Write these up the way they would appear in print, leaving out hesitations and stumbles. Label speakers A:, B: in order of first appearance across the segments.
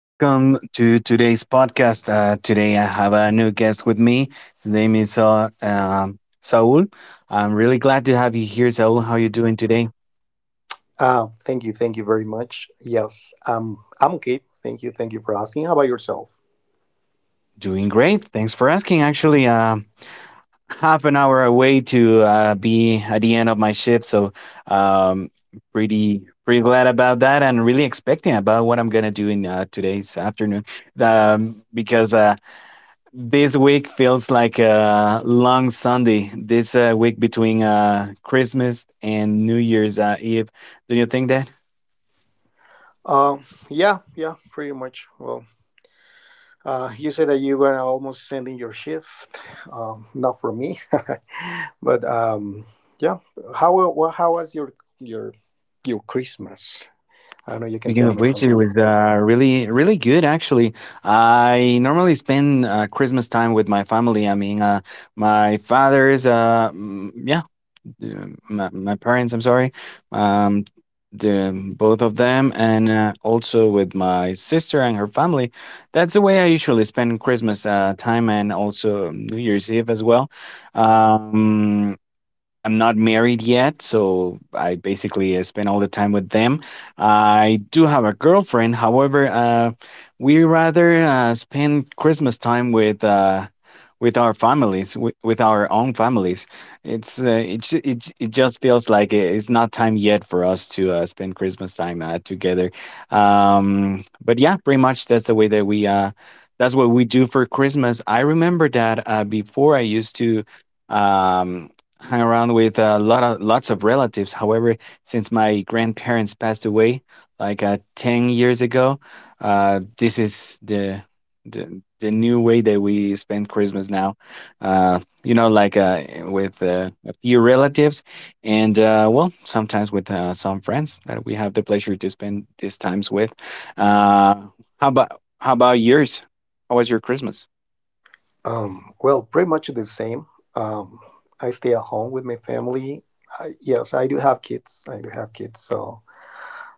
A: Welcome to today's podcast. Today I have a new guest with me. His name is Saul. I'm really glad to have you here, Saul. How you doing today?
B: Thank you, thank you very much. Yes, I'm okay. Thank you for asking. How about yourself?
A: Doing great. Thanks for asking. Actually, half an hour away to be at the end of my shift, so um, pretty glad about that, and really expecting about what I'm gonna do in today's afternoon, because this week feels like a long Sunday. This week between Christmas and New Year's Eve. Do you think that?
B: Um, yeah, yeah, pretty much. Well, you said that you're gonna almost send in your shift. Not for me, but yeah. How was your your Christmas? I don't know. You can
A: Speaking
B: tell
A: of
B: me
A: which, it
B: something.
A: was really, really good actually. I normally spend Christmas time with my family. I mean, my father's, mm, yeah, the, my parents, I'm sorry, um the both of them, and also with my sister and her family. That's the way I usually spend Christmas time and also New Year's Eve as well. um I'm not married yet, so I basically spend all the time with them. I do have a girlfriend, however, we rather spend Christmas time with our families, with our own families. It's it just feels like it's not time yet for us to spend Christmas time together. But yeah, pretty much that's the way that we that's what we do for Christmas. I remember that before I used to Um, hang around with a lot of lots of relatives. However, since my grandparents passed away like 10 years ago, this is the the new way that we spend Christmas now. You know, like with a few relatives, and well, sometimes with some friends that we have the pleasure to spend these times with. Uh, how about yours? How was your Christmas?
B: Well, pretty much the same. Um, I stay at home with my family. Yes, I do have kids. I do have kids, so.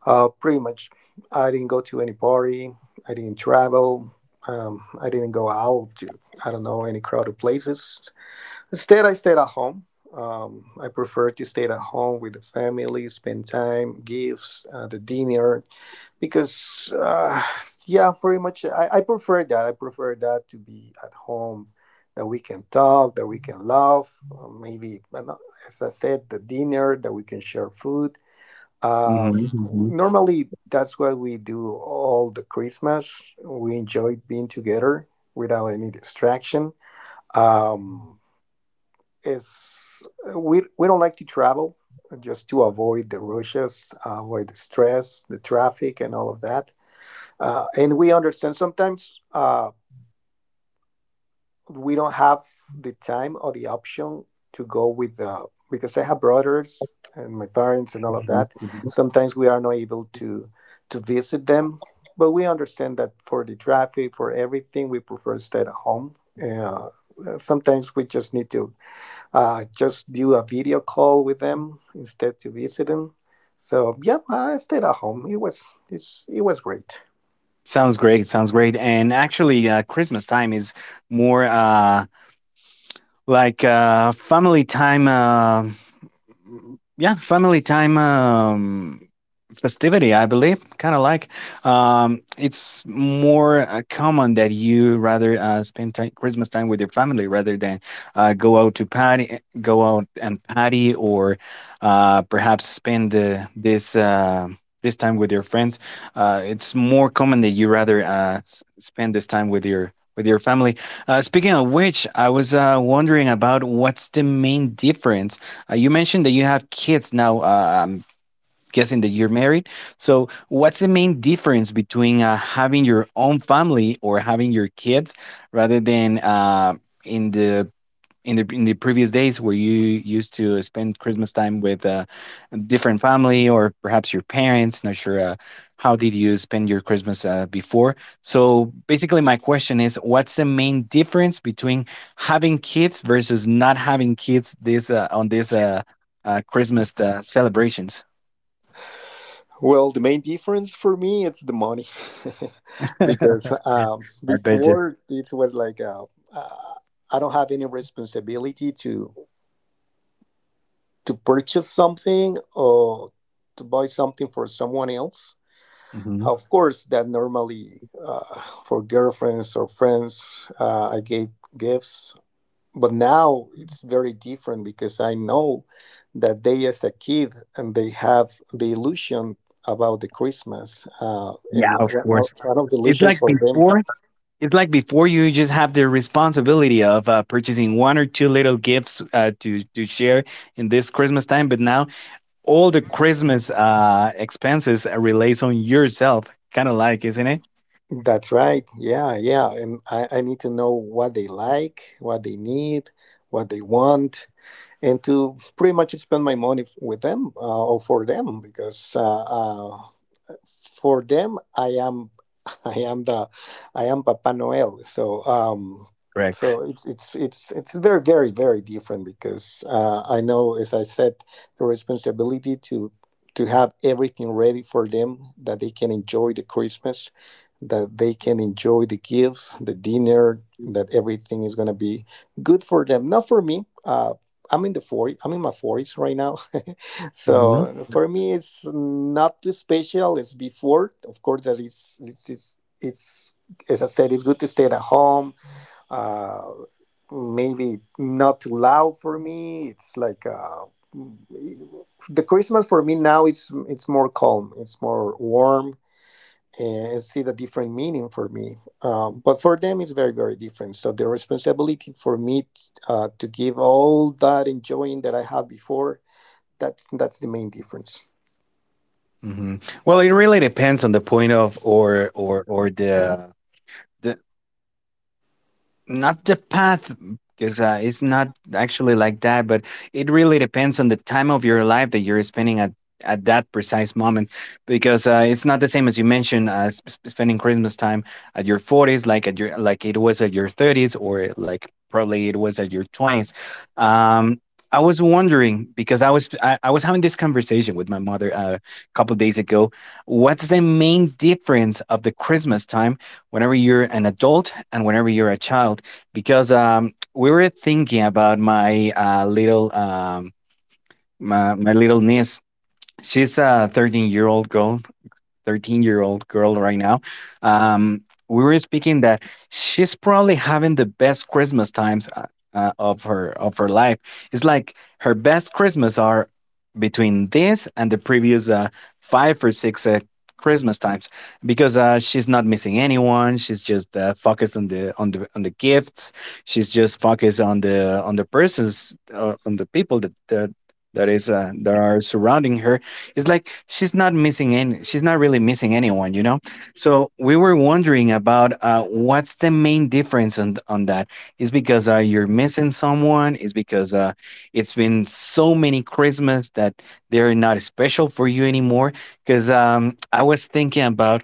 B: Pretty much, I didn't go to any party. I didn't travel. I didn't go out to, I don't know, any crowded places. Instead, I stayed at home. I prefer to stay at home with the family, spend time, gifts, the dinner, because, yeah, pretty much I prefer that. I prefer that to be at home, that we can talk, that we can laugh, maybe, no, as I said, the dinner, that we can share food, um,
A: Hmm.
B: normally, that's what we do all the Christmas. We enjoy being together without any distraction. Um, it's we don't like to travel just to avoid the rushes, avoid the stress, the traffic, and all of that. And we understand sometimes. We don't have the time or the option to go with the because I have brothers and my parents and all of that. Sometimes we are not able to visit them, but we understand that for the traffic, for everything, we prefer to stay at home. Uh, Sometimes we just need to just do a video call with them instead to visit them. So yeah, I stayed at home. It was great.
A: Sounds great. Sounds great. And actually, Christmas time is more like family time. Yeah, family time, festivity, I believe. Kind of like, it's more common that you rather spend time, Christmas time with your family rather than go out to party, go out and party, or perhaps spend this time with your friends. It's more common that you rather spend this time with your family. Speaking of which, I was wondering about what's the main difference. You mentioned that you have kids now. I'm guessing that you're married. So, what's the main difference between having your own family or having your kids rather than in the in the previous days where you used to spend Christmas time with a different family or perhaps your parents. Not sure how did you spend your Christmas before. So basically, my question is, what's the main difference between having kids versus not having kids this on this Christmas celebrations?
B: Well, the main difference for me it's the money, because
A: I bet you.
B: before it was like uh, I don't have any responsibility to purchase something or to buy something for someone else.
A: Mhm.
B: Of course, that normally, for girlfriends or friends, I gave gifts, but now it's very different because I know that they, as a kid, and they have the illusion about the Christmas, and
A: Yeah,
B: one
A: of course.
B: one of the
A: It's
B: illusions
A: like
B: for them.
A: before It's like before you just have the responsibility of purchasing one or two little gifts to share in this Christmas time, but now all the Christmas expenses relates on yourself. Kind of like, isn't it?
B: That's right. Yeah, yeah. And I need to know what they like, what they need, what they want, and to pretty much spend my money with them, or for them because for them, I am I am the I am Papa Noel. So um,
A: Correct.
B: so it's very, very, very different because I know, as I said, the responsibility to have everything ready for them, that they can enjoy the Christmas, that they can enjoy the gifts, the dinner, that everything is gonna be good for them. Not for me. I'm in the 40, I'm in my 40s right now.
A: Hmm.
B: So for me, it's not too special. It's before, of course, that is, it's, as I said, it's good to stay at home. Uh, Maybe not too loud for me. It's like mm, the Christmas for me now. It's more calm. It's more warm. And it's see the different meaning for me, but for them it's very, very different. So the responsibility for me to give all that enjoying that I had before. That's the main difference.
A: Hmm. Well, it really depends on the point of or the the not the path, because it's not actually like that, but it really depends on the time of your life that you're spending at that precise moment, because it's not the same as you mentioned, spending Christmas time at your 40s like at your, like it was at your 30s, or like probably it was at your 20s. um I was wondering because I was having this conversation with my mother a couple of days ago, what's the main difference of the Christmas time whenever you're an adult and whenever you're a child, because we were thinking about my little my little niece. She's a 13-year-old girl, 13-year-old girl right now. um, we were speaking that she's probably having the best Christmas times of her life. It's like her best Christmas are between this and the previous five or six Christmas times, because she's not missing anyone. She's just focused on the on the gifts. She's just focused on the persons, on the people that that is that are surrounding her. It's like she's not really missing anyone, you know? So we were wondering about what's the main difference on that? Is because you're missing someone? Is because it's been so many Christmas that they're not special for you anymore? Because I was thinking about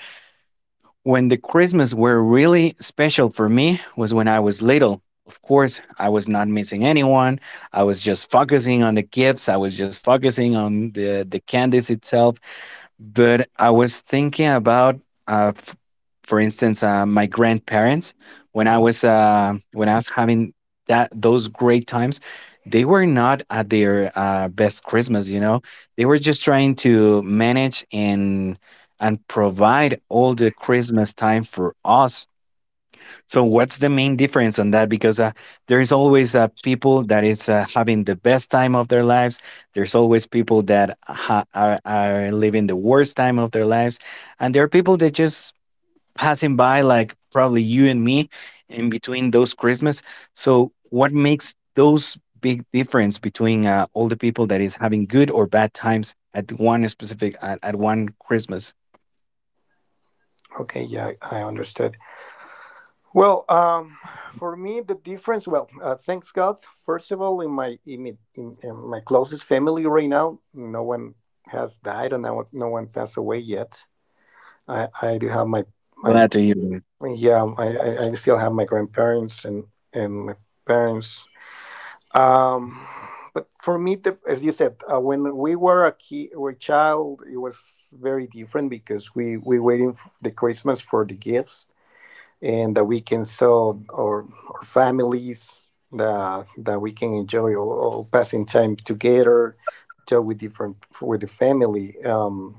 A: when the Christmas were really special for me was when I was little. Of course, I was not missing anyone. I was just focusing on the gifts. I was just focusing on the candies itself. But I was thinking about, uh, f- for instance, my grandparents. When I was having that those great times, they were not at their best Christmas. You know, they were just trying to manage and provide all the Christmas time for us. So what's the main difference on that? Because there is always people that is having the best time of their lives. There's always people that are living the worst time of their lives, and there are people that just passing by, like probably you and me, in between those Christmas. So what makes those big difference between all the people that is having good or bad times at one specific at one Christmas?
B: Okay, yeah, I understood. Well, for me, the difference. Well, thanks God. First of all, in my closest family right now, no one has died, and no one passed away yet. I do have my
A: Glad to hear.
B: yeah. I still have my grandparents and my parents. Um, but for me, the, as you said, when we were a kid, were a child, it was very different because we waiting for the Christmas, for the gifts, and that we can sell our families, that we can enjoy all passing time together, talk with different with the family,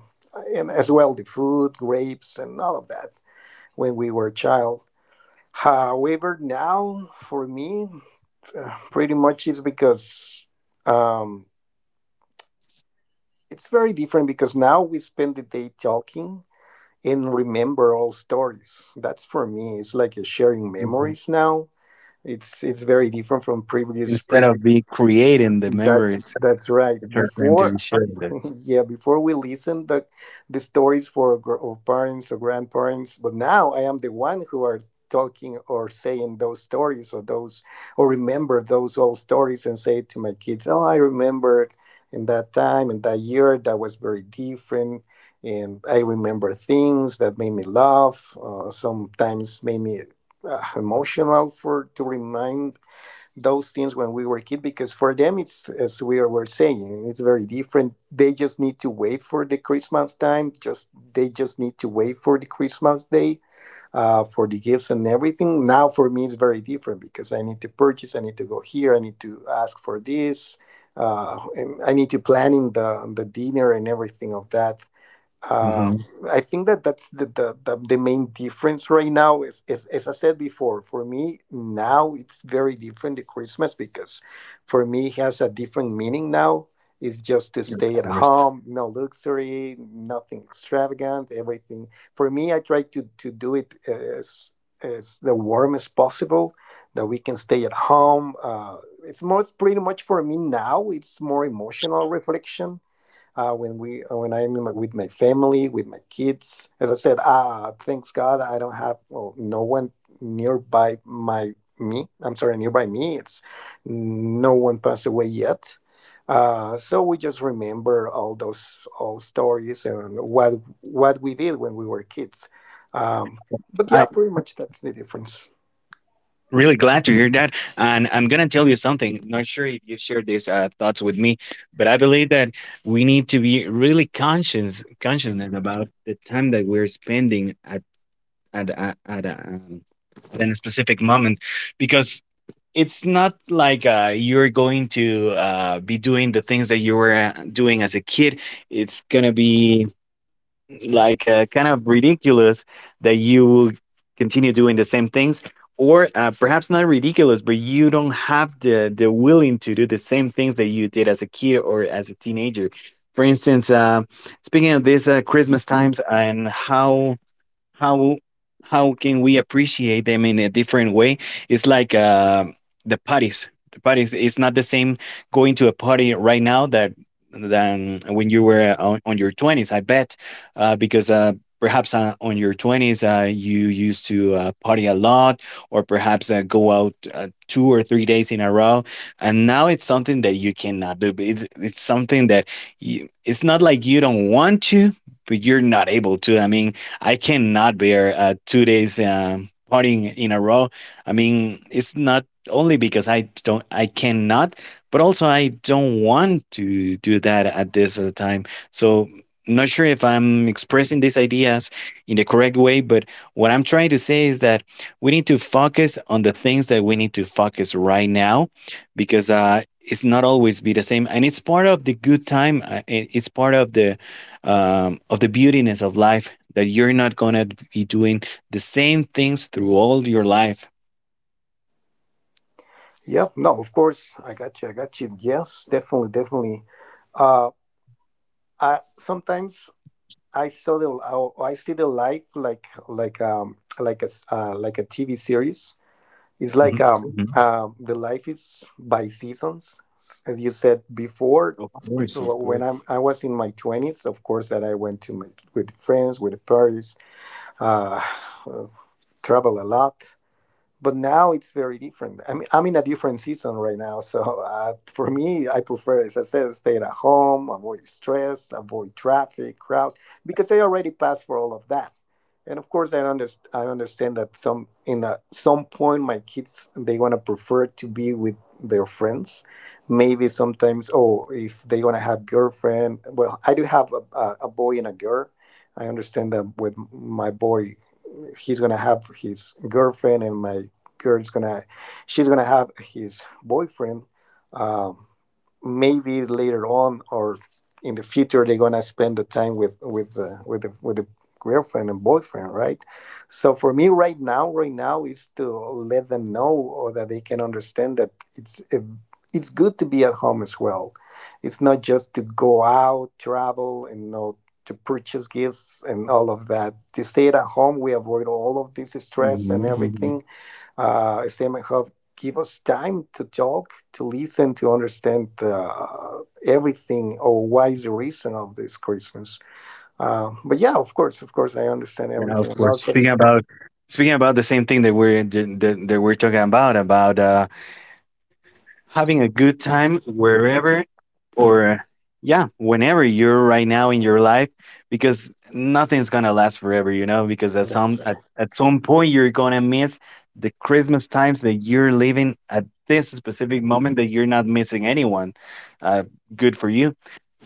B: and as well the food, grapes, and all of that when we were a child. However, now for me, pretty much it's because um, it's very different because now we spend the day talking and remember all stories. That's for me. It's like a sharing
A: Mhm.
B: memories now. It's very different from previous
A: Instead
B: previous.
A: of be creating the
B: That's
A: memories
B: that's right.
A: for them to
B: Before,
A: be shared.
B: yeah, before we listen the stories for our parents or grandparents, but now I am the one who are talking or saying those stories or those or remember those old stories and say to my kids, "Oh, I remembered in that time, in that year, that was very different." And I remember things that made me laugh, sometimes made me emotional for to remind those things when we were kids, because for them it's, as we were saying, it's very different. They just need to wait for the Christmas time, just they just need to wait for the Christmas day, for the gifts and everything. Now for me it's very different because I need to purchase, I need to go here, I need to ask for this, and I need to plan in the dinner and everything of that. uh,
A: Mm-hmm.
B: I think that that's the main difference right now is, as I said before, for me now it's very different, the Christmas, because for me it has a different meaning now. It's just to
A: Of
B: stay at
A: course.
B: home, no luxury, nothing extravagant, everything. For me, I try to do it as the warm as possible, that we can stay at home. It's more, it's pretty much for me now, it's more emotional reflection, when we when I'm in my, with my family, with my kids. As I said, thanks God, I don't have, well, no one nearby my me. I'm sorry, nearby me. It's no one passed away yet. So we just remember all those old stories and what we did when we were kids. Um, but yeah,
A: I
B: pretty much that's the difference.
A: really glad to hear that. And I'm gonna tell you something. Not sure if you shared these thoughts with me, but I believe that we need to be really conscious, consciousness about the time that we're spending at at at, at, a, um, at a specific moment, because it's not like you're going to be doing the things that you were doing as a kid. It's gonna be like kind of ridiculous that you will continue doing the same things, or perhaps not ridiculous, but you don't have the willing to do the same things that you did as a kid or as a teenager. For instance, speaking of this Christmas times and how how how can we appreciate them in a different way. It's like the parties, it's not the same going to a party right now that than when you were on your 20s, I bet, because perhaps on your 20s you used to party a lot, or perhaps go out 2 or 3 days in a row, and now it's something that you cannot do, but it's something that you, it's not like you don't want to, but you're not able to. I mean, I cannot bear 2 days partying in a row. I mean, it's not only because I don't, I cannot, but also I don't want to do that at this time. So, not sure if I'm expressing these ideas in the correct way, but what I'm trying to say is that we need to focus on the things that we need to focus right now, because it's not always be the same, and it's part of the good time, it's part of the beautiness of life that you're not going to be doing the same things through all your life.
B: Yeah, no, of course, I got you, I got you. Yes, definitely, definitely. Uh, I sometimes I saw the, oh, I see the life like a TV series. It's like
A: Mhm, mhm.
B: the life is by seasons. As you said before,
A: Of course, of
B: when
A: course.
B: I was in my 20s, of course that I went to my, with friends with parties, uh, uh, travel a lot, but now it's very different. I mean, I'm in a different season right now, so, for me, I prefer, as I said, stay at home, avoid stress, avoid traffic, crowd, because I already passed for all of that. And of course, I understand. I understand that some point, my kids they gonna prefer to be with their friends. Maybe sometimes, oh, if they gonna have girlfriend, well, I do have a boy and a girl. I understand that with my boy, he's gonna have his girlfriend, and my girl's gonna, she's gonna have his boyfriend, um, maybe later on or in the future they're gonna spend the time with the girlfriend and boyfriend, right? So for me, right now is to let them know, or that they can understand that, it's a, it's good to be at home as well, it's not just to go out travel, and no, to purchase gifts and all of that. To stay at home, we avoid all of this stress and
A: Mhm.
B: everything. Stay at home give us time to talk, to listen, to understand, everything or why is the reason of this Christmas. But yeah, of course, I understand
A: Yeah, of
B: everything
A: course.
B: about this.
A: Speaking about the same thing that we're that we're talking about having a good time wherever, or yeah, whenever you're right now in your life, because nothing's going to last forever, you know, because at
B: That's
A: some
B: right.
A: at some point you're going to miss the Christmas times that you're living at this specific moment that you're not missing anyone. Uh, good for you.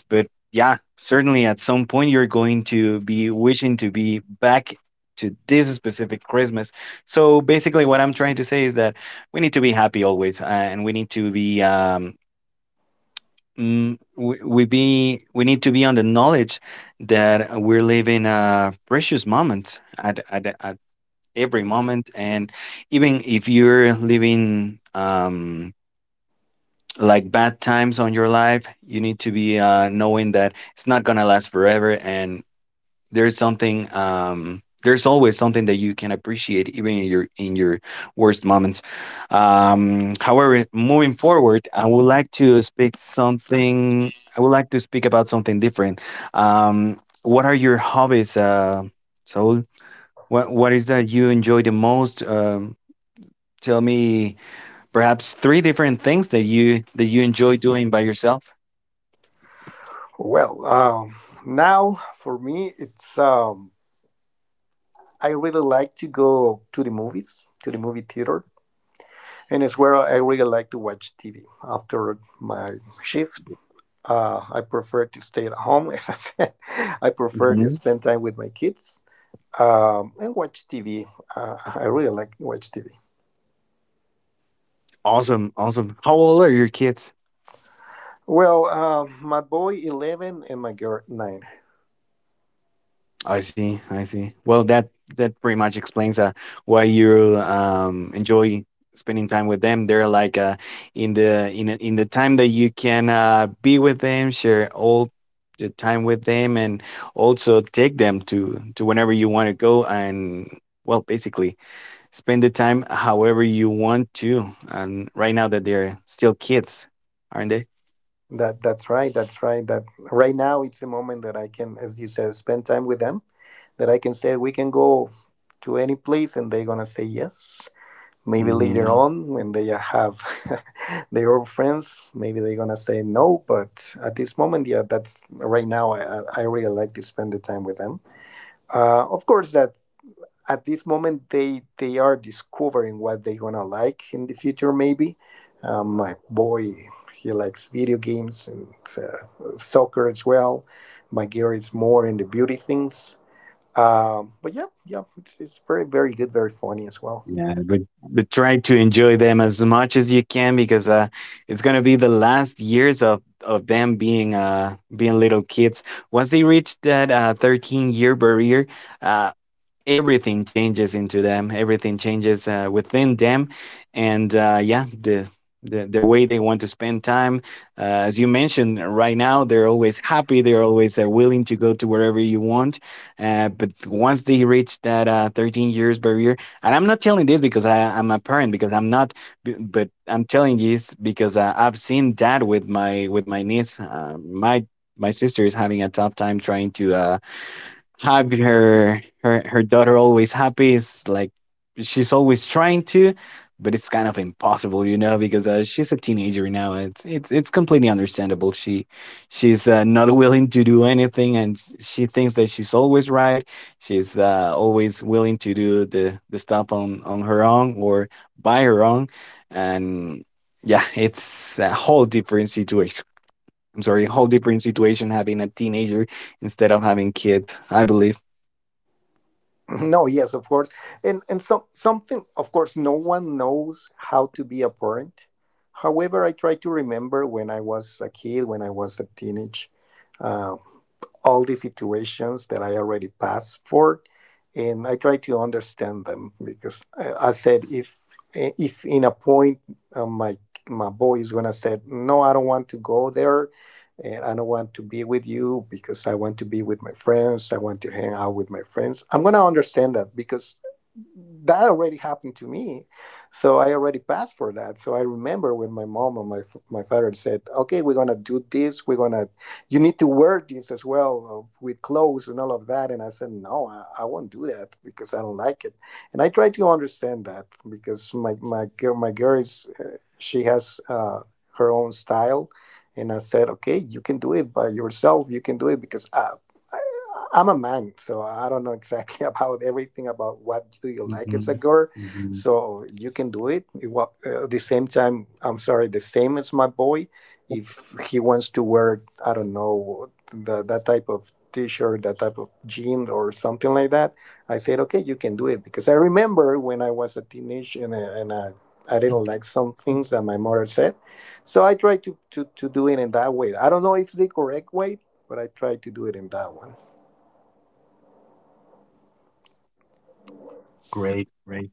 A: But yeah, certainly at some point you're going to be wishing to be back to this specific Christmas. So basically, what I'm trying to say is that we need to be happy always, and we need to be we need to be on the knowledge that we're living a precious moment at at every moment, and even if you're living like bad times on your life, you need to be knowing that it's not gonna last forever, and there's something there's always something that you can appreciate even in your worst moments. However, moving forward, I would like to speak about something different. Um, what are your hobbies, uh, Saul? What is that you enjoy the most? Um, tell me perhaps three different things that you enjoy doing by yourself.
B: Well, now for me, it's I really like to go to the movies, to the movie theater. And it's where I really like to watch TV after my shift. I prefer to stay at home, as I said. I prefer to
A: Mhm.
B: spend time with my kids, and watch TV. I really like to watch TV.
A: Awesome, awesome. How old are your kids?
B: Well, my boy 11 and my girl 9.
A: I see. I see. Well, that pretty much explains why you enjoy spending time with them. They're like in the time that you can be with them, share all the time with them, and also take them to whenever you want to go and. Well, basically, spend the time however you want to. And right now, that they're still kids, aren't
B: That's right. That's right. That right now it's a moment that I can, as you said, spend time with them. That I can say we can go to any place and they're gonna say yes. Maybe later
A: they?
B: on, when they have their own friends, maybe they're gonna say no. But at this moment, yeah, that's right now. I really like to spend the time with them. Of course, that at this moment they are discovering what they're gonna like in the future. Maybe, my boy, he likes video games and, soccer as well. My girl is more into beauty things. But yeah, yeah, it's very, very good, very funny as well.
A: Yeah, but try to enjoy them as much as you can because it's gonna be the last years of them being being little kids. Once they reach that 13-year barrier, uh, everything changes into them. Everything changes within them, and yeah, the. The way they want to spend time, as you mentioned, right now they're always happy, they're always willing to go to wherever you want, but once they reach that 13 years barrier, and I'm not telling this because I'm a parent, because I'm not, but I'm telling this because I've seen that with my niece. My sister is having a tough time trying to have her daughter always happy. Is like she's always trying to, but it's kind of impossible, you know, because she's a teenager now. It's, it's completely understandable, she's not willing to do anything, and she thinks that she's always right, she's always willing to do the stuff on her own or by her own, and yeah, it's a whole different situation. I'm sorry, whole different situation having a teenager instead of having kids, I believe.
B: No, yes, of course. And something of course, no one knows how to be a parent. However, I try to remember when I was a kid, when I was a teenage. Uh, all the situations that I already passed for, and I try to understand them because I said if if in a point uh, my my boy is gonna say no, I don't want to go there, and I don't want to be with you because I want to be with my friends. I want to hang out with my friends. I'm gonna understand that because that already happened to me, so I already passed for that. So I remember when my mom and my father said, okay, we're gonna do this, we're gonna you need to wear this as well, with clothes and all of that. And I said, no, I won't do that because I don't like it. And I try to understand that because my girl is she has her own style. And I said, okay, you can do it by yourself. You can do it because I'm a man, so I don't know exactly about everything, about what do you like as a
A: Mhm.
B: girl.
A: Mhm.
B: So you can do it. The same time, I'm sorry, the same as my boy. If he wants to wear, I don't know, that type of t-shirt, that type of jean or something like that, I said, okay, you can do it. Because I remember when I was a teenage and I
A: Mm.
B: didn't like some
A: Mm.
B: things that my mother said. So I tried to do it in that way. I don't know if the correct way, but I tried to do it in that one.
A: Great, great.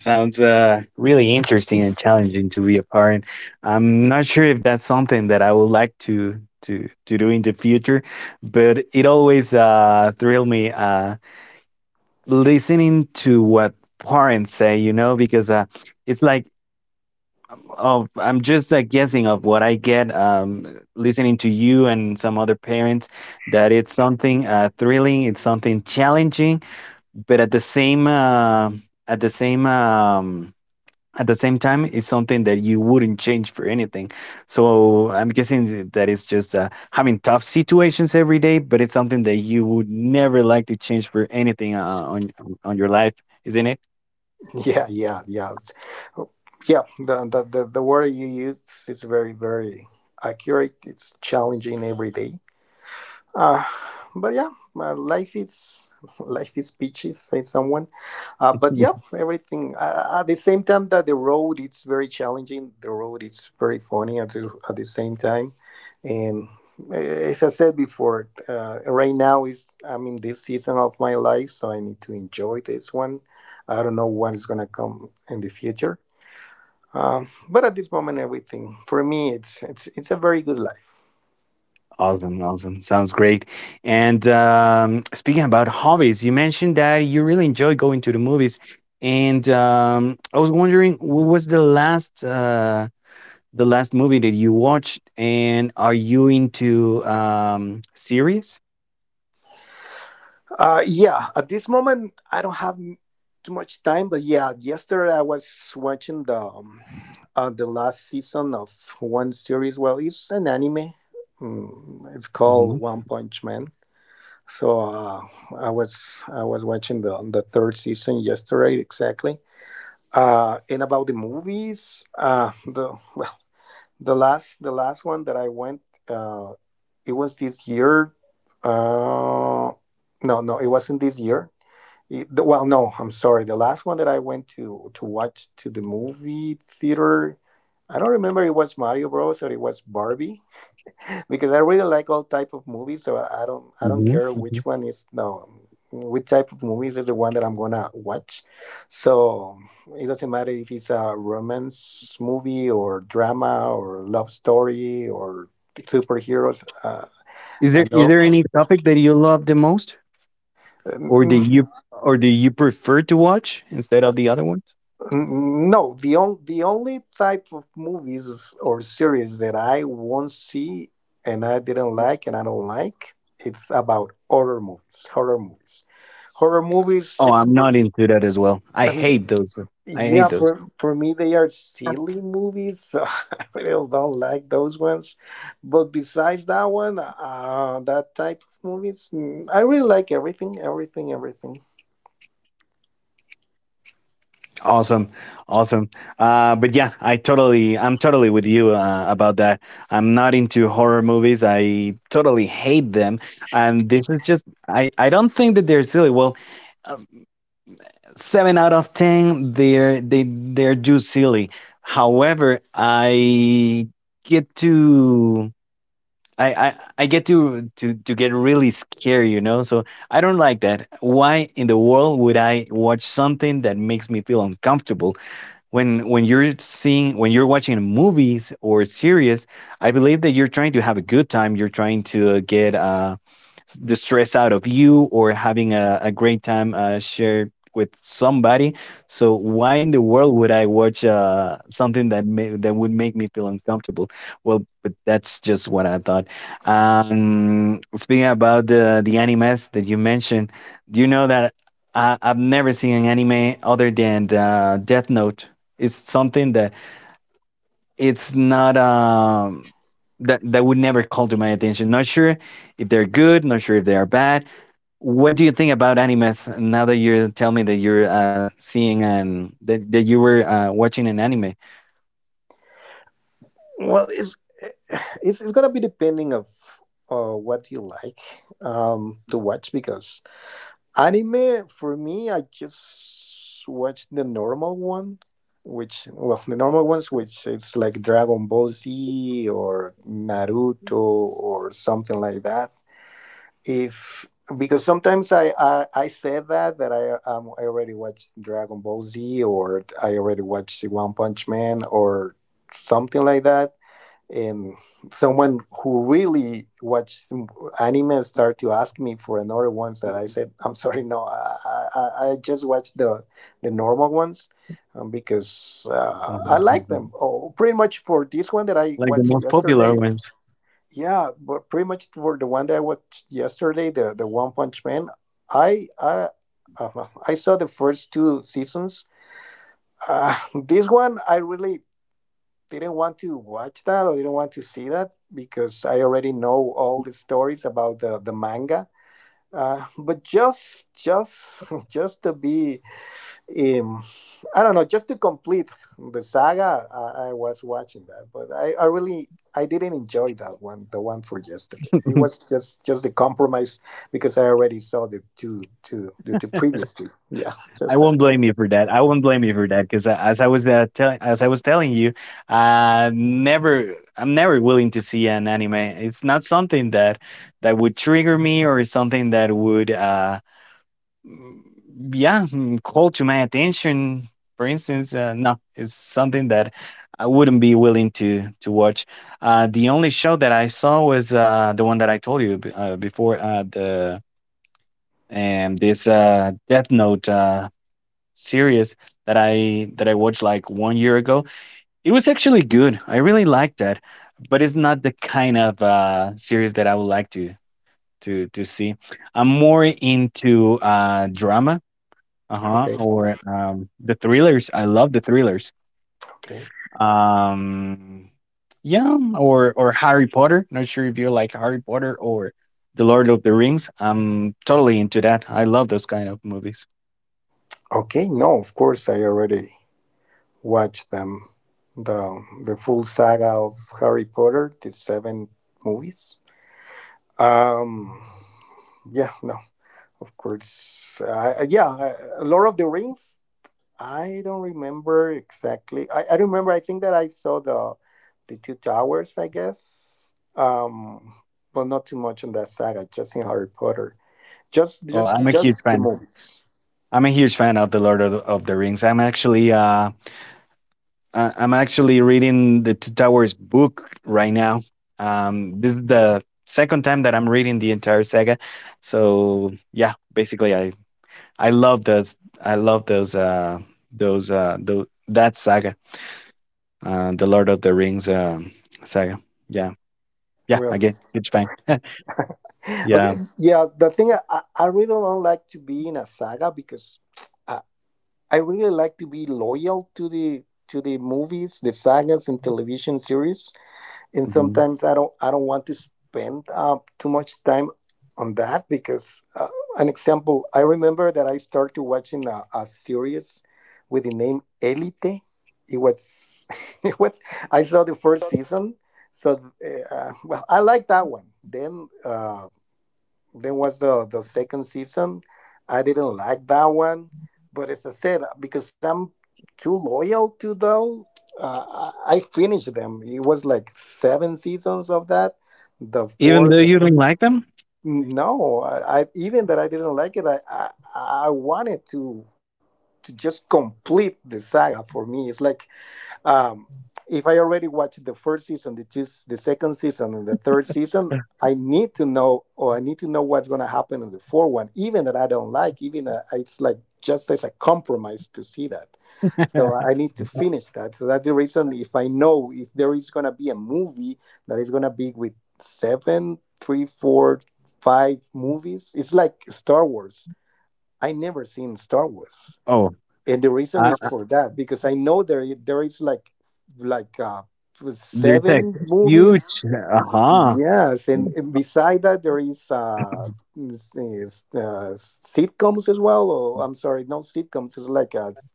A: Sounds really interesting and challenging to be a parent. I'm not sure if that's something that I would like to do in the future, but it always thrill me listening to what parents say, you know, because it's like, oh, I'm just guessing of what I get listening to you and some other parents, that it's something thrilling, it's something challenging, but at the same at the same at the same time, it's something that you wouldn't change for anything. So I'm guessing that it's just having tough situations every day, but it's something that you would never like to change for anything on your life, isn't it?
B: Yeah, yeah, yeah. Yeah, the word you use is very, very accurate. It's challenging every day. Uh, but yeah, my life is life is peachy, say someone. But yeah, everything. At the same time that the road it's very challenging. The road it's very funny at the same time. And as I said before, right now is I'm in this season of my life, so I need to enjoy this one. I don't know what is gonna come in the future. But at this moment, everything for me it's a very good life.
A: Awesome, awesome. Sounds great. And speaking about hobbies, you mentioned that you really enjoy going to the movies, and I was wondering, what was the last movie that you watched, and are you into series?
B: Yeah, at this moment I don't have too much time, but yeah, yesterday I was watching the last season of one series. Well, it's an anime. It's
A: Hmm,
B: called One Punch Man. So I was watching the third season yesterday exactly. And about the movies, the well, the last one that I went, uh, it was this year. Uh, no, no, it wasn't this year, well, no, I'm sorry. The last one that I went to watch to the movie theater, I don't remember, it was Mario Bros or it was Barbie because I really like all type of movies, so I don't
A: hmm,
B: care
A: hmm.
B: which one is, no, which type of movies is the one that I'm gonna watch. So it doesn't matter if it's a romance movie or drama or love story or superheroes.
A: Is
B: I
A: there
B: know.
A: any topic that you love the most, or do you prefer to watch instead of the other ones?
B: No, the only type of movies or series that I won't see and I didn't like and I don't like, it's about horror movies. Horror movies, horror
A: Oh,
B: movies.
A: I'm not into that as well. I
B: um,
A: hate those. I
B: yeah,
A: hate those.
B: for me they are silly movies. So I really don't like those ones. But besides that one, that type of movies, I really like everything, everything, everything.
A: Awesome, awesome. But yeah, I'm totally with you about that. I'm not into horror movies. I totally hate them, and this is just, I don't think that they're silly. Well, um, seven out of ten, they they're just silly. However, get to. I, I, I get to, to get really scared, you know. So I don't like that. Why in the world would I watch something that makes me feel uncomfortable? When you're seeing, when you're watching movies or series, I believe that you're trying to have a good time. You're trying to get the stress out of you, or having a great time shared with somebody. So why in the world would I watch something that that would make me feel uncomfortable? Well, but that's just what I thought. Speaking about the animes that you mentioned, do you know that I've never seen an anime other than the Death Note? It's something that it's not that would never call to my attention. Not sure if they're good. Not sure if they are bad. What do you think about animes now that you tell me that you're seeing, and that you were watching an anime?
B: Well, it's it's gonna be depending of what you like to watch because anime for me I just watch the normal one, which, well, the normal ones, which it's like Dragon Ball Z or Naruto or something like that if because sometimes I said that I already watched Dragon Ball Z or I already watched One Punch Man or something like that and someone who really watched anime started to ask me for another ones that I said, I'm sorry, no, I just watched the normal ones because I
A: Mm.
B: like them. Oh, pretty much for this one that I
A: Like,
B: watched yesterday. Yeah, but pretty much for the one that I watched yesterday, the One Punch Man, I, I, I saw the first two seasons. Uh, this one, I really didn't want to watch that or didn't want to see that because I already know all the stories about the manga. But just to be, um, I don't know, just to complete the saga, I was watching that. But I didn't enjoy that one, the one for yesterday. It was just the compromise because I already saw the previous two. Yeah,
A: I
B: just that.
A: won't blame you for that. I won't blame you for that because, as I was as I was telling you, never I'm never willing to see an anime. It's not something that would trigger me, or something that would Mm, yeah, called to my attention. For instance, no, it's something that I wouldn't be willing to watch. The only show that I saw was the one that I told you before. The This Death Note series that I watched like 1 year ago. It was actually good. I really liked that, but it's not the kind of series that I would like to see. I'm more into drama, uh-huh,
B: Okay,
A: or, the thrillers. I love the thrillers.
B: okay,
A: Um, yeah, or Harry Potter. Not sure if you like Harry Potter or The Lord of the Rings, I'm totally into that. I love those kind of movies.
B: okay. No, of course I already watch them. The full saga of Harry Potter, the seven movies. Um, yeah, no, of course. Yeah, Lord of the Rings. I don't remember exactly. I remember. I think that I saw the Two Towers, I guess. But not too much in that saga. Just in Harry Potter. Just
A: Well,
B: just
A: I'm a huge
B: just the
A: fan.
B: movies.
A: I'm a huge fan of The Lord of the Rings. I'm actually, I'm actually reading the Two Towers book right now. This is the 2nd time that I'm reading the entire saga, so yeah, basically I love those. I love those. That saga. The Lord of the Rings saga. Yeah, yeah.
B: Well.
A: Again, huge fan.
B: Okay,
A: Yeah.
B: yeah, the thing, I really don't like to be in a saga because I, I really like to be loyal to the movies, the sagas and television series, and
A: Mhm.
B: sometimes I don't want to spend too much time on that because an example, I remember that I started watching a series with the name Elite, it was it was, I saw the first season, so well, I like that one, then was the second season. I didn't like that one, but as I said, because I'm too loyal to I finished them. It was like seven seasons of that. The
A: Even though
B: fourth,
A: you don't like them.
B: no, I even that I didn't like it. I wanted to just complete the saga for me. It's like, um, if I already watched the first season, the second season, and the third season, I need to know, or I need to know what's going to happen in the fourth one, even that I don't like, even it's like just as a compromise to see that. So I need to finish that. So that's the reason, if I know if there is going to be a movie that is going to be with seven, three, four, five movies, it's like Star Wars. I never seen Star Wars
A: Oh,
B: and the reason
A: uh,
B: is for that because I know there is like
A: their text
B: seven
A: is
B: movies.
A: huge. Uh huh.
B: Yes, and beside that there is sitcoms as well. Or I'm sorry, no sitcoms. It's like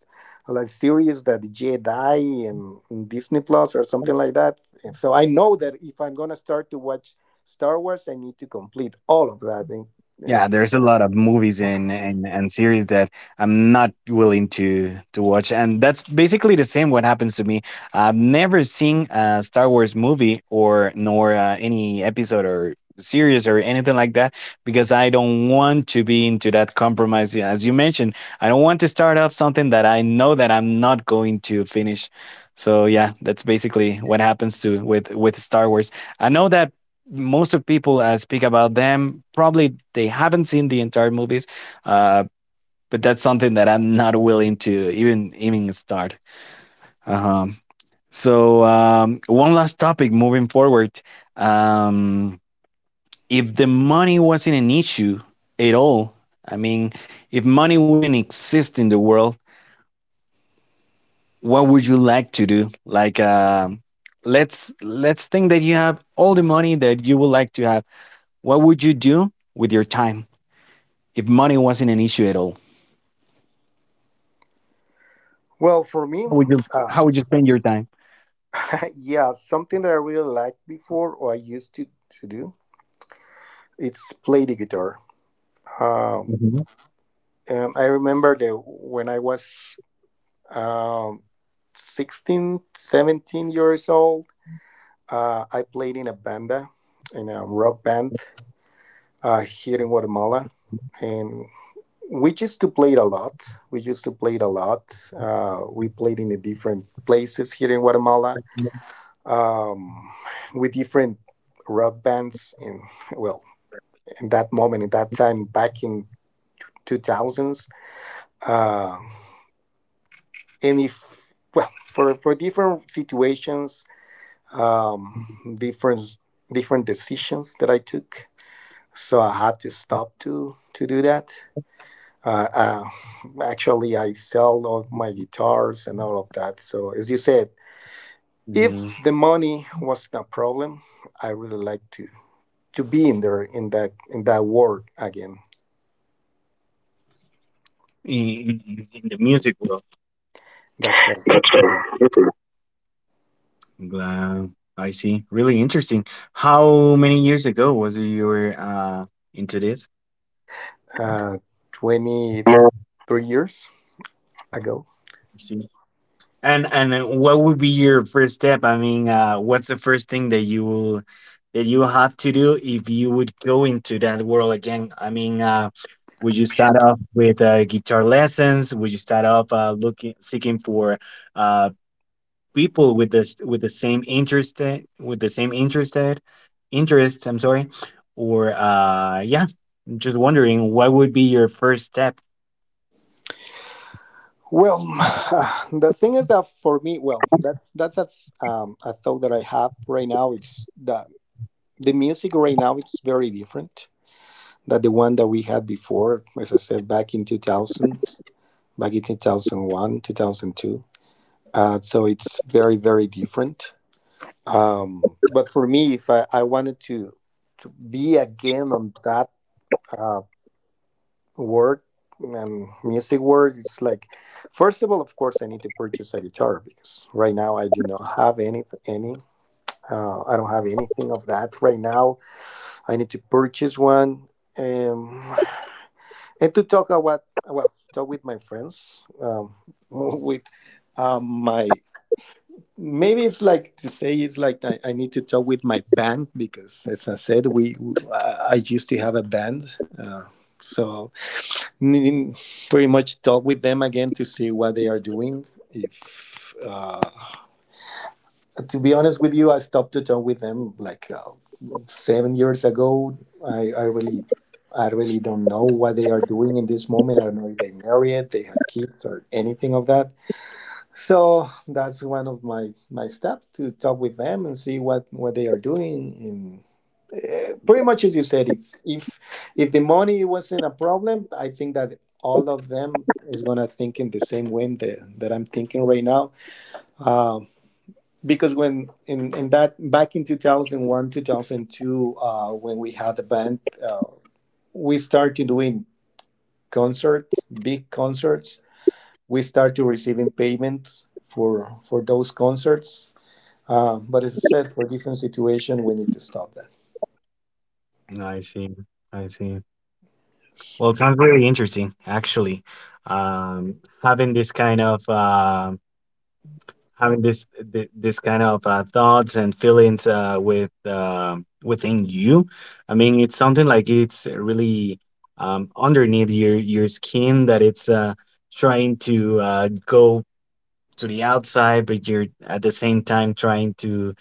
B: like series that Jedi and Disney Plus or something like that. And so I know that if I'm gonna start to watch Star Wars, I need to complete all of that. Uh,
A: Yeah, there's a lot of movies and, and series that I'm not willing to watch, and that's basically the same what happens to me. I've never seen a Star Wars movie or nor any episode or series or anything like that, because I don't want to be into that compromise. Yeah, as you mentioned, I don't want to start off something that I know that I'm not going to finish. So yeah, that's basically what happens to with Star Wars. I know that most of people speak about them. Probably they haven't seen the entire movies, uh, but that's something that I'm not willing to even start. Uh-huh. So one last topic moving forward. Um, if the money wasn't an issue at all, I mean, if money wouldn't exist in the world, what would you like to do? Like, um, let's think that you have all the money that you would like to have. What would you do with your time if money wasn't an issue at all?
B: well, for me,
A: How would you
B: uh.
A: spend your time?
B: yeah, something that I really liked before or I used to do, it's play the guitar. Um,
A: Mhm.
B: and I remember that when I was um, 16, 17 years old, I played in a banda, in a rock band here in Guatemala. And we used to play it a lot. We used to play it a lot. We played in the different places here in Guatemala, um, with different rock bands and well in that moment, in that time, back in 2000s. Uh, and if, well, for different situations, um, different, different decisions that I took. So I had to stop to do that. Uh, uh, Actually, I sell all my guitars and all of that. So as you said, if
A: Mhm.
B: the money wasn't a problem, I really like to be in there in that world again.
A: In, in the music world.
B: That's
A: That's right.
B: right.
A: That's right. Wow, I see. Really interesting. How many years ago was you were into this?
B: Uh, 20 three years ago.
A: And what would be your first step? I mean, what's the first thing that you will that you have to do if you would go into that world again? I mean, would you start off with guitar lessons? Would you start off looking, seeking for uh, people with this, with the same interest with the same interested interest? I'm sorry. Or yeah, just wondering, what would be your first step?
B: Well, the thing is that for me, well, that's a thought that I have right now. It's that the music right now it's very different than the one that we had before. As I said, back in 2000, back in 2001, 2002. So it's very very different. But for me, if I wanted to be again on that Uh, work and music work, it's like first of all, of course, I need to purchase a guitar because right now I do not have any, I don't have anything of that right now. I need to purchase one, um, and to talk about, well, talk with my friends, with my, maybe it's like to say, it's like I need to talk with my band, because as I said, I used to have a band. Uh, so n- Pretty much talk with them again to see what they are doing. If To be honest with you, I stopped to talk with them like 7 years ago. I really, I really don't know what they are doing in this moment. I don't know if they married, they have kids, or anything of that. So that's one of my steps, to talk with them and see what they are doing. And pretty much, as you said, if the money wasn't a problem, I think that all of them is gonna think in the same way that, that I'm thinking right now, because when in that back in 2001 2002, when we had the band, uh, we started doing concerts, big concerts. We started receiving payments for those concerts, but as I said, for different situation we need to stop that.
A: I see. I see. Well, it sounds really interesting, actually. Um, having this kind of having this this kind of thoughts and feelings with within you. I mean, it's something like, it's really underneath your skin, that it's trying to go to the outside, but you're at the same time trying to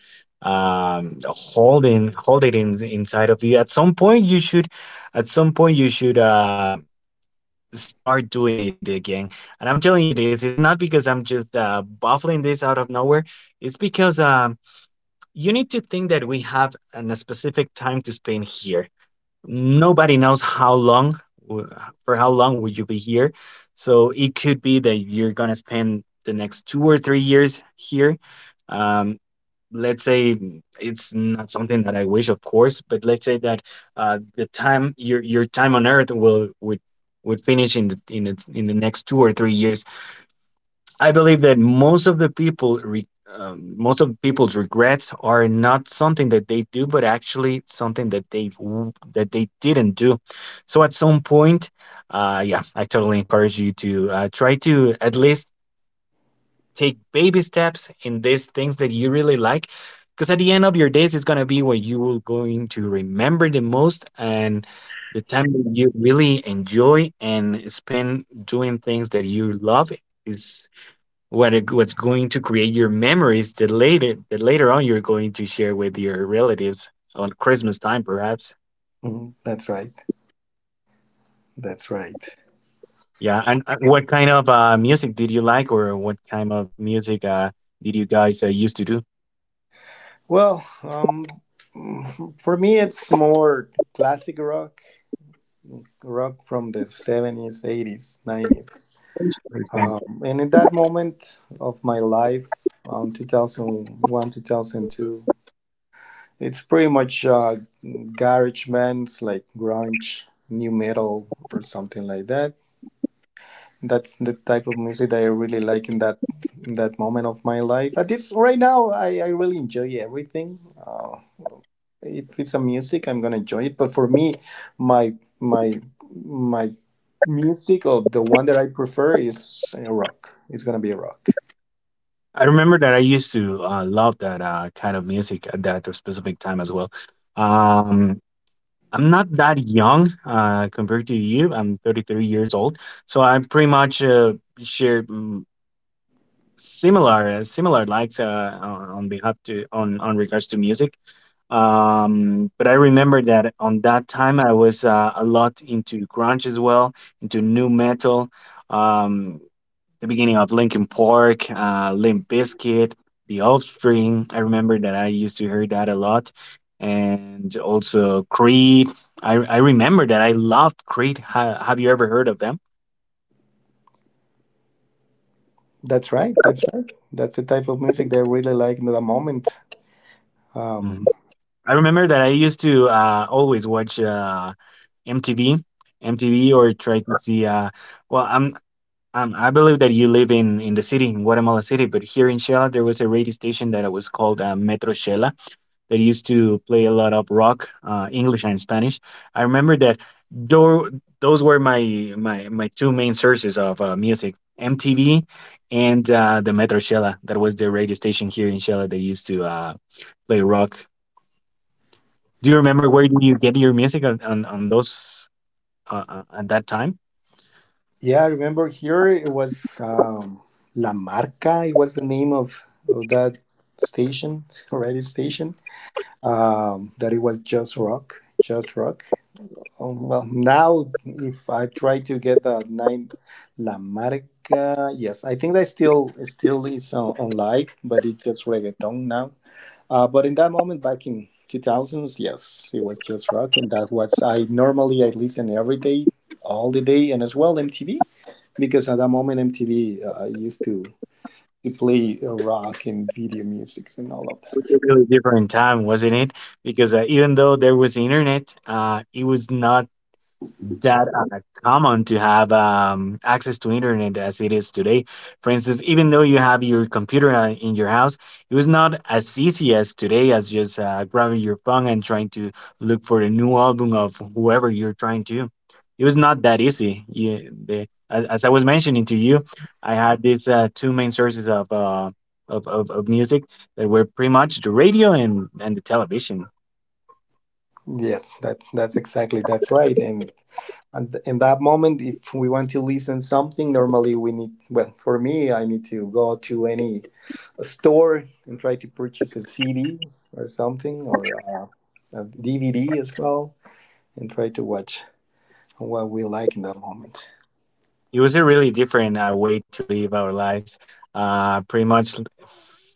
A: hold it in inside of you. At some point you should, at some point you should start doing it again. And I'm telling you this, it's not because I'm just buffling this out of nowhere. It's because you need to think that we have an, a specific time to spend here. Nobody knows how long, w- for how long would you be here. So it could be that you're going to spend the next 2 or 3 years here. Um, let's say it's not something that I wish, of course, but let's say that the time your time on Earth will would finish in the next 2 or 3 years. I believe that most of people's regrets are not something that they do, but actually something that that they didn't do. So at some point, yeah, I totally encourage you to try to at least take baby steps in these things that you really like, because at the end of your days it's going to be what you will going to remember the most, and the time that you really enjoy and spend doing things that you love is what what's going to create your memories that later on you're going to share with your relatives on Christmas time perhaps.
B: Mhm. That's right, that's right.
A: Yeah. And what kind of music did you like, or what kind of music did you guys used to do?
B: Well, for me, it's more classic rock, rock from the 70s, 80s, 90s. And in that moment of my life, 2001, 2002, it's pretty much garage bands like grunge, new metal, or something like that. That's the type of music that I really like in that moment of my life. At this right now, I really enjoy everything. Uh, if it's a music, I'm gonna enjoy it, but for me, my my my music, or the one that I prefer, is rock. It's gonna be rock.
A: I remember that I used to love that kind of music at that specific time as well. Um, I'm not that young compared to you. I'm 33 years old, so I pretty much share similar similar likes on behalf to on regards to music. But I remember that on that time I was a lot into grunge as well, into new metal. Um, the beginning of Linkin Park, Limp Bizkit, The Offspring. I remember that I used to hear that a lot, and also Creed. I remember that I loved Creed. Have you ever heard of them?
B: That's right, that's right. That's the type of music that I really like in the moment. um
A: Mhm. I remember that I used to always watch MTV, MTV, or try to see. Well, I believe that you live in the city, in Guatemala City, but here in Shela there was a radio station that was called Metro Shela that used to play a lot of rock, English and Spanish. I remember that tho- those were my two main sources of music: MTV and the Metro Shela. That was the radio station here in Shela that used to play rock. Do you remember where do you get your music on those? At that time,
B: yeah, I remember here it was, La Marca, it was the name of that station, radio station, that it was just rock, just rock. Oh, well, now if I try to get the name La Marca, yes, I think that still is on, online, but it's just reggaeton now. But in that moment, back in 2000s, yes, it was just rock, and that was, I normally, I listen every day, all the day, and as well MTV, because at that moment MTV used to play rock and video music and all of
A: it was
B: that.
A: a really different time, wasn't it? Because even though there was internet, it was not that common to have access to internet as it is today. For instance, even though you have your computer in your house, it was not as easy as today as just grabbing your phone and trying to look for a new album of whoever you're trying to. It was not that easy. Yeah, as I was mentioning to you, I had these two main sources of music that were pretty much the radio and the television.
B: Yes, that that's exactly, that's right. And in that moment, if we want to listen something, normally we need, well, for me, I need to go to any store and try to purchase a CD or something, or a DVD as well, and try to watch what we like in that moment.
A: It was a really different way to live our lives. Pretty much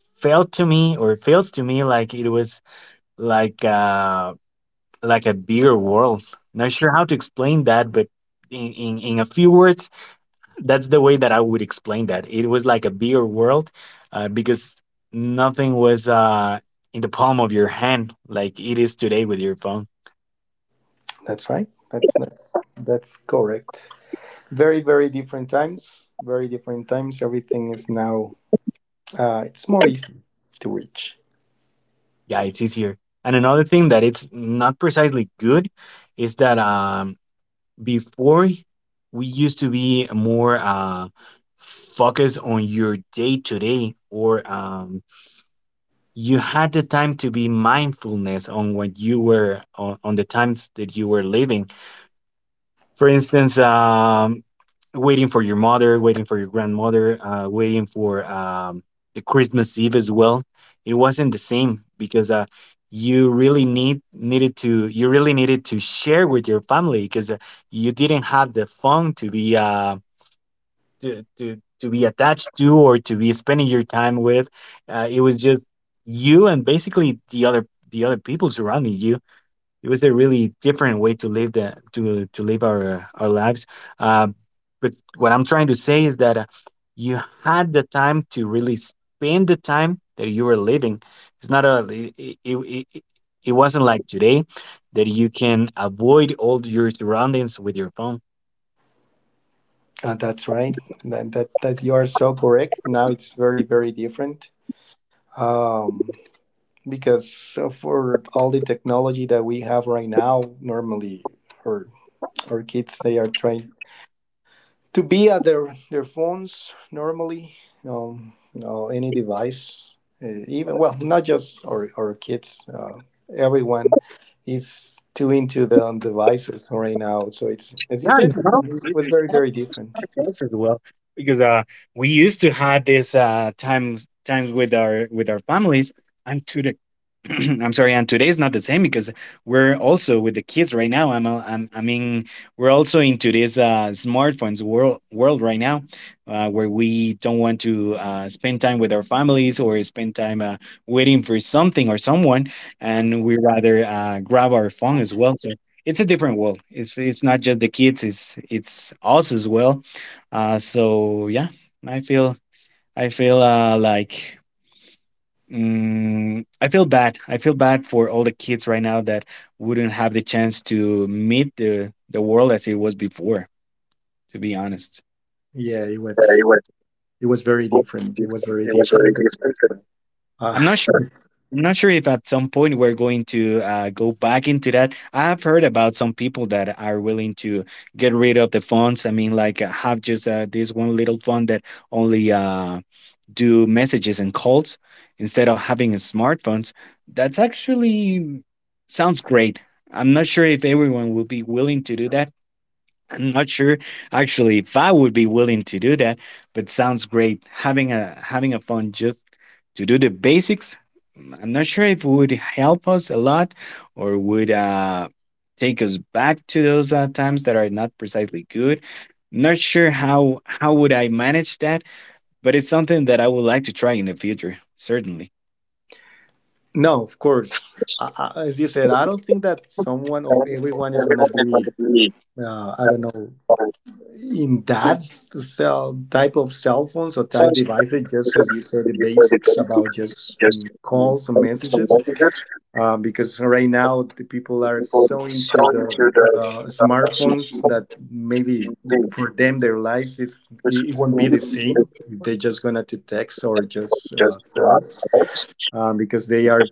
A: felt to me, or feels to me, like it was like uh, like a bigger world. Not sure how to explain that, but in a few words, that's the way that I would explain that. It was like a bigger world because nothing was in the palm of your hand like it is today with your phone.
B: That's right. That's correct. Very, very different times. Very different times. Everything is now, it's more easy to reach.
A: Yeah, it's easier. And another thing that it's not precisely good is that before we used to be more focused on your day to day, or you had the time to be mindfulness on what you were on the times that you were living. For instance, waiting for your mother, waiting for your grandmother, waiting for the Christmas Eve as well. It wasn't the same because you really need needed to you really needed to share with your family, because you didn't have the phone to be to be attached to, or to be spending your time with. It was just you and basically the other people surrounding you. It was a really different way to live our lives. Uh, but what I'm trying to say is that you had the time to really spend the time that you were living. It's not a it wasn't like today that you can avoid all your surroundings with your phone.
B: That's right. That you are so correct. Now it's very, very different, um, because for all the technology that we have right now, normally our our kids, they are trained to be at their phones normally, um, any device, even, well, not just our kids, everyone is too into the devices right now. So it's, as you
A: Yeah,
B: said,
A: it's
B: it's,
A: not.
B: it
A: It's
B: was very
A: not
B: very different.
A: ourselves as well, because we used to have this times times with our families. And am too. I'm sorry, and today is not the same because we're also with the kids right now. We're also into this smartphones world world right now, where we don't want to spend time with our families or spend time waiting for something or someone, and we rather grab our phone as well. So it's a different world. It's not just the kids. It's us as well. So yeah, I feel I feel uh, like I feel bad. I feel bad for all the kids right now that wouldn't have the chance to meet the world as it was before, to be honest.
B: Yeah, it
A: Yeah,
B: was, it was very different. It was very
A: it was very
B: different.
A: expensive.
B: Uh,
A: I'm not sure. I'm not sure if at some point we're going to go back into that. I have heard about some people that are willing to get rid of the funds. I mean, like have just this one little fund that only do messages and calls instead of having smartphones. That's actually sounds great. I'm not sure if everyone will be willing to do that. I'm not sure actually if I would be willing to do that, but sounds great having a having a phone just to do the basics. I'm not sure if it would help us a lot or would take us back to those times that are not precisely good. Not sure how would I manage that, but it's something that I would like to try in the future, certainly.
B: No, of course. As you said, I don't think that someone or everyone is gonna be, I don't know, in that cell type of cell phones or type devices. Just as you said, the basics about just calls and messages. Because right now the people are so into the smartphones that maybe for them their lives is, it won't be the same. They're just gonna to text or just calls, because they are,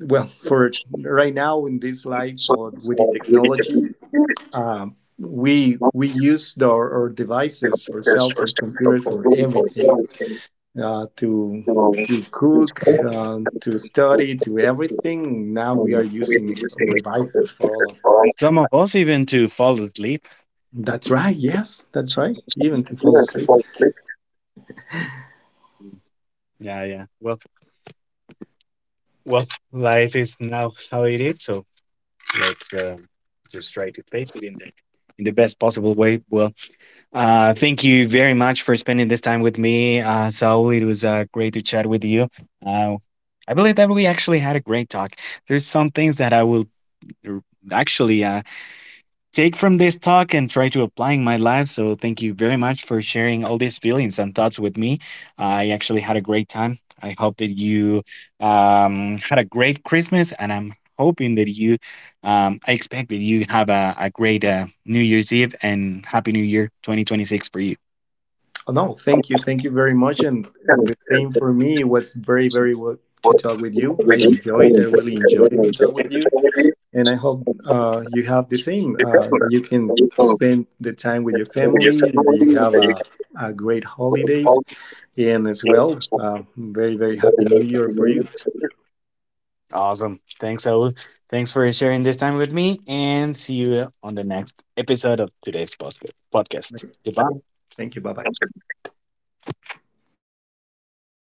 B: well, for right now in this life, or with the technology, we use the, our devices, our cell phones, computers for everything. To cook, to study, to everything. Now we are using devices for all of that.
A: Some of us even to fall asleep.
B: That's right. Yes, that's right. Even to fall asleep.
A: Yeah, yeah. Well, well, life is now how it is. So let's just try to face it in the best possible way. Well, thank you very much for spending this time with me, Saul. It was great to chat with you. Uh, I believe that we actually had a great talk. There's some things that I will r- actually. Take from this talk and try to apply in my life. So thank you very much for sharing all these feelings and thoughts with me. I actually had a great time. I hope that you had a great Christmas, and I'm hoping that I expect that you have a great New Year's Eve, and Happy New Year 2026 for you.
B: Oh, no, thank you very much. And the same for me. It was very very well to talk with you. I enjoyed. I really enjoyed to talk with you. And I hope you have the same, that you can
A: the
B: spend the time with your
A: previous
B: family and that you
A: ceremony, and
B: have
A: they
B: a great
A: were
B: holidays.
A: all
B: And as well, very, very happy new
A: the
B: year for you.
A: community. Awesome. Thanks, Saul. Thanks for sharing this time with me, and see you on the next episode of podcast. Goodbye.
B: Thank you. Bye bye.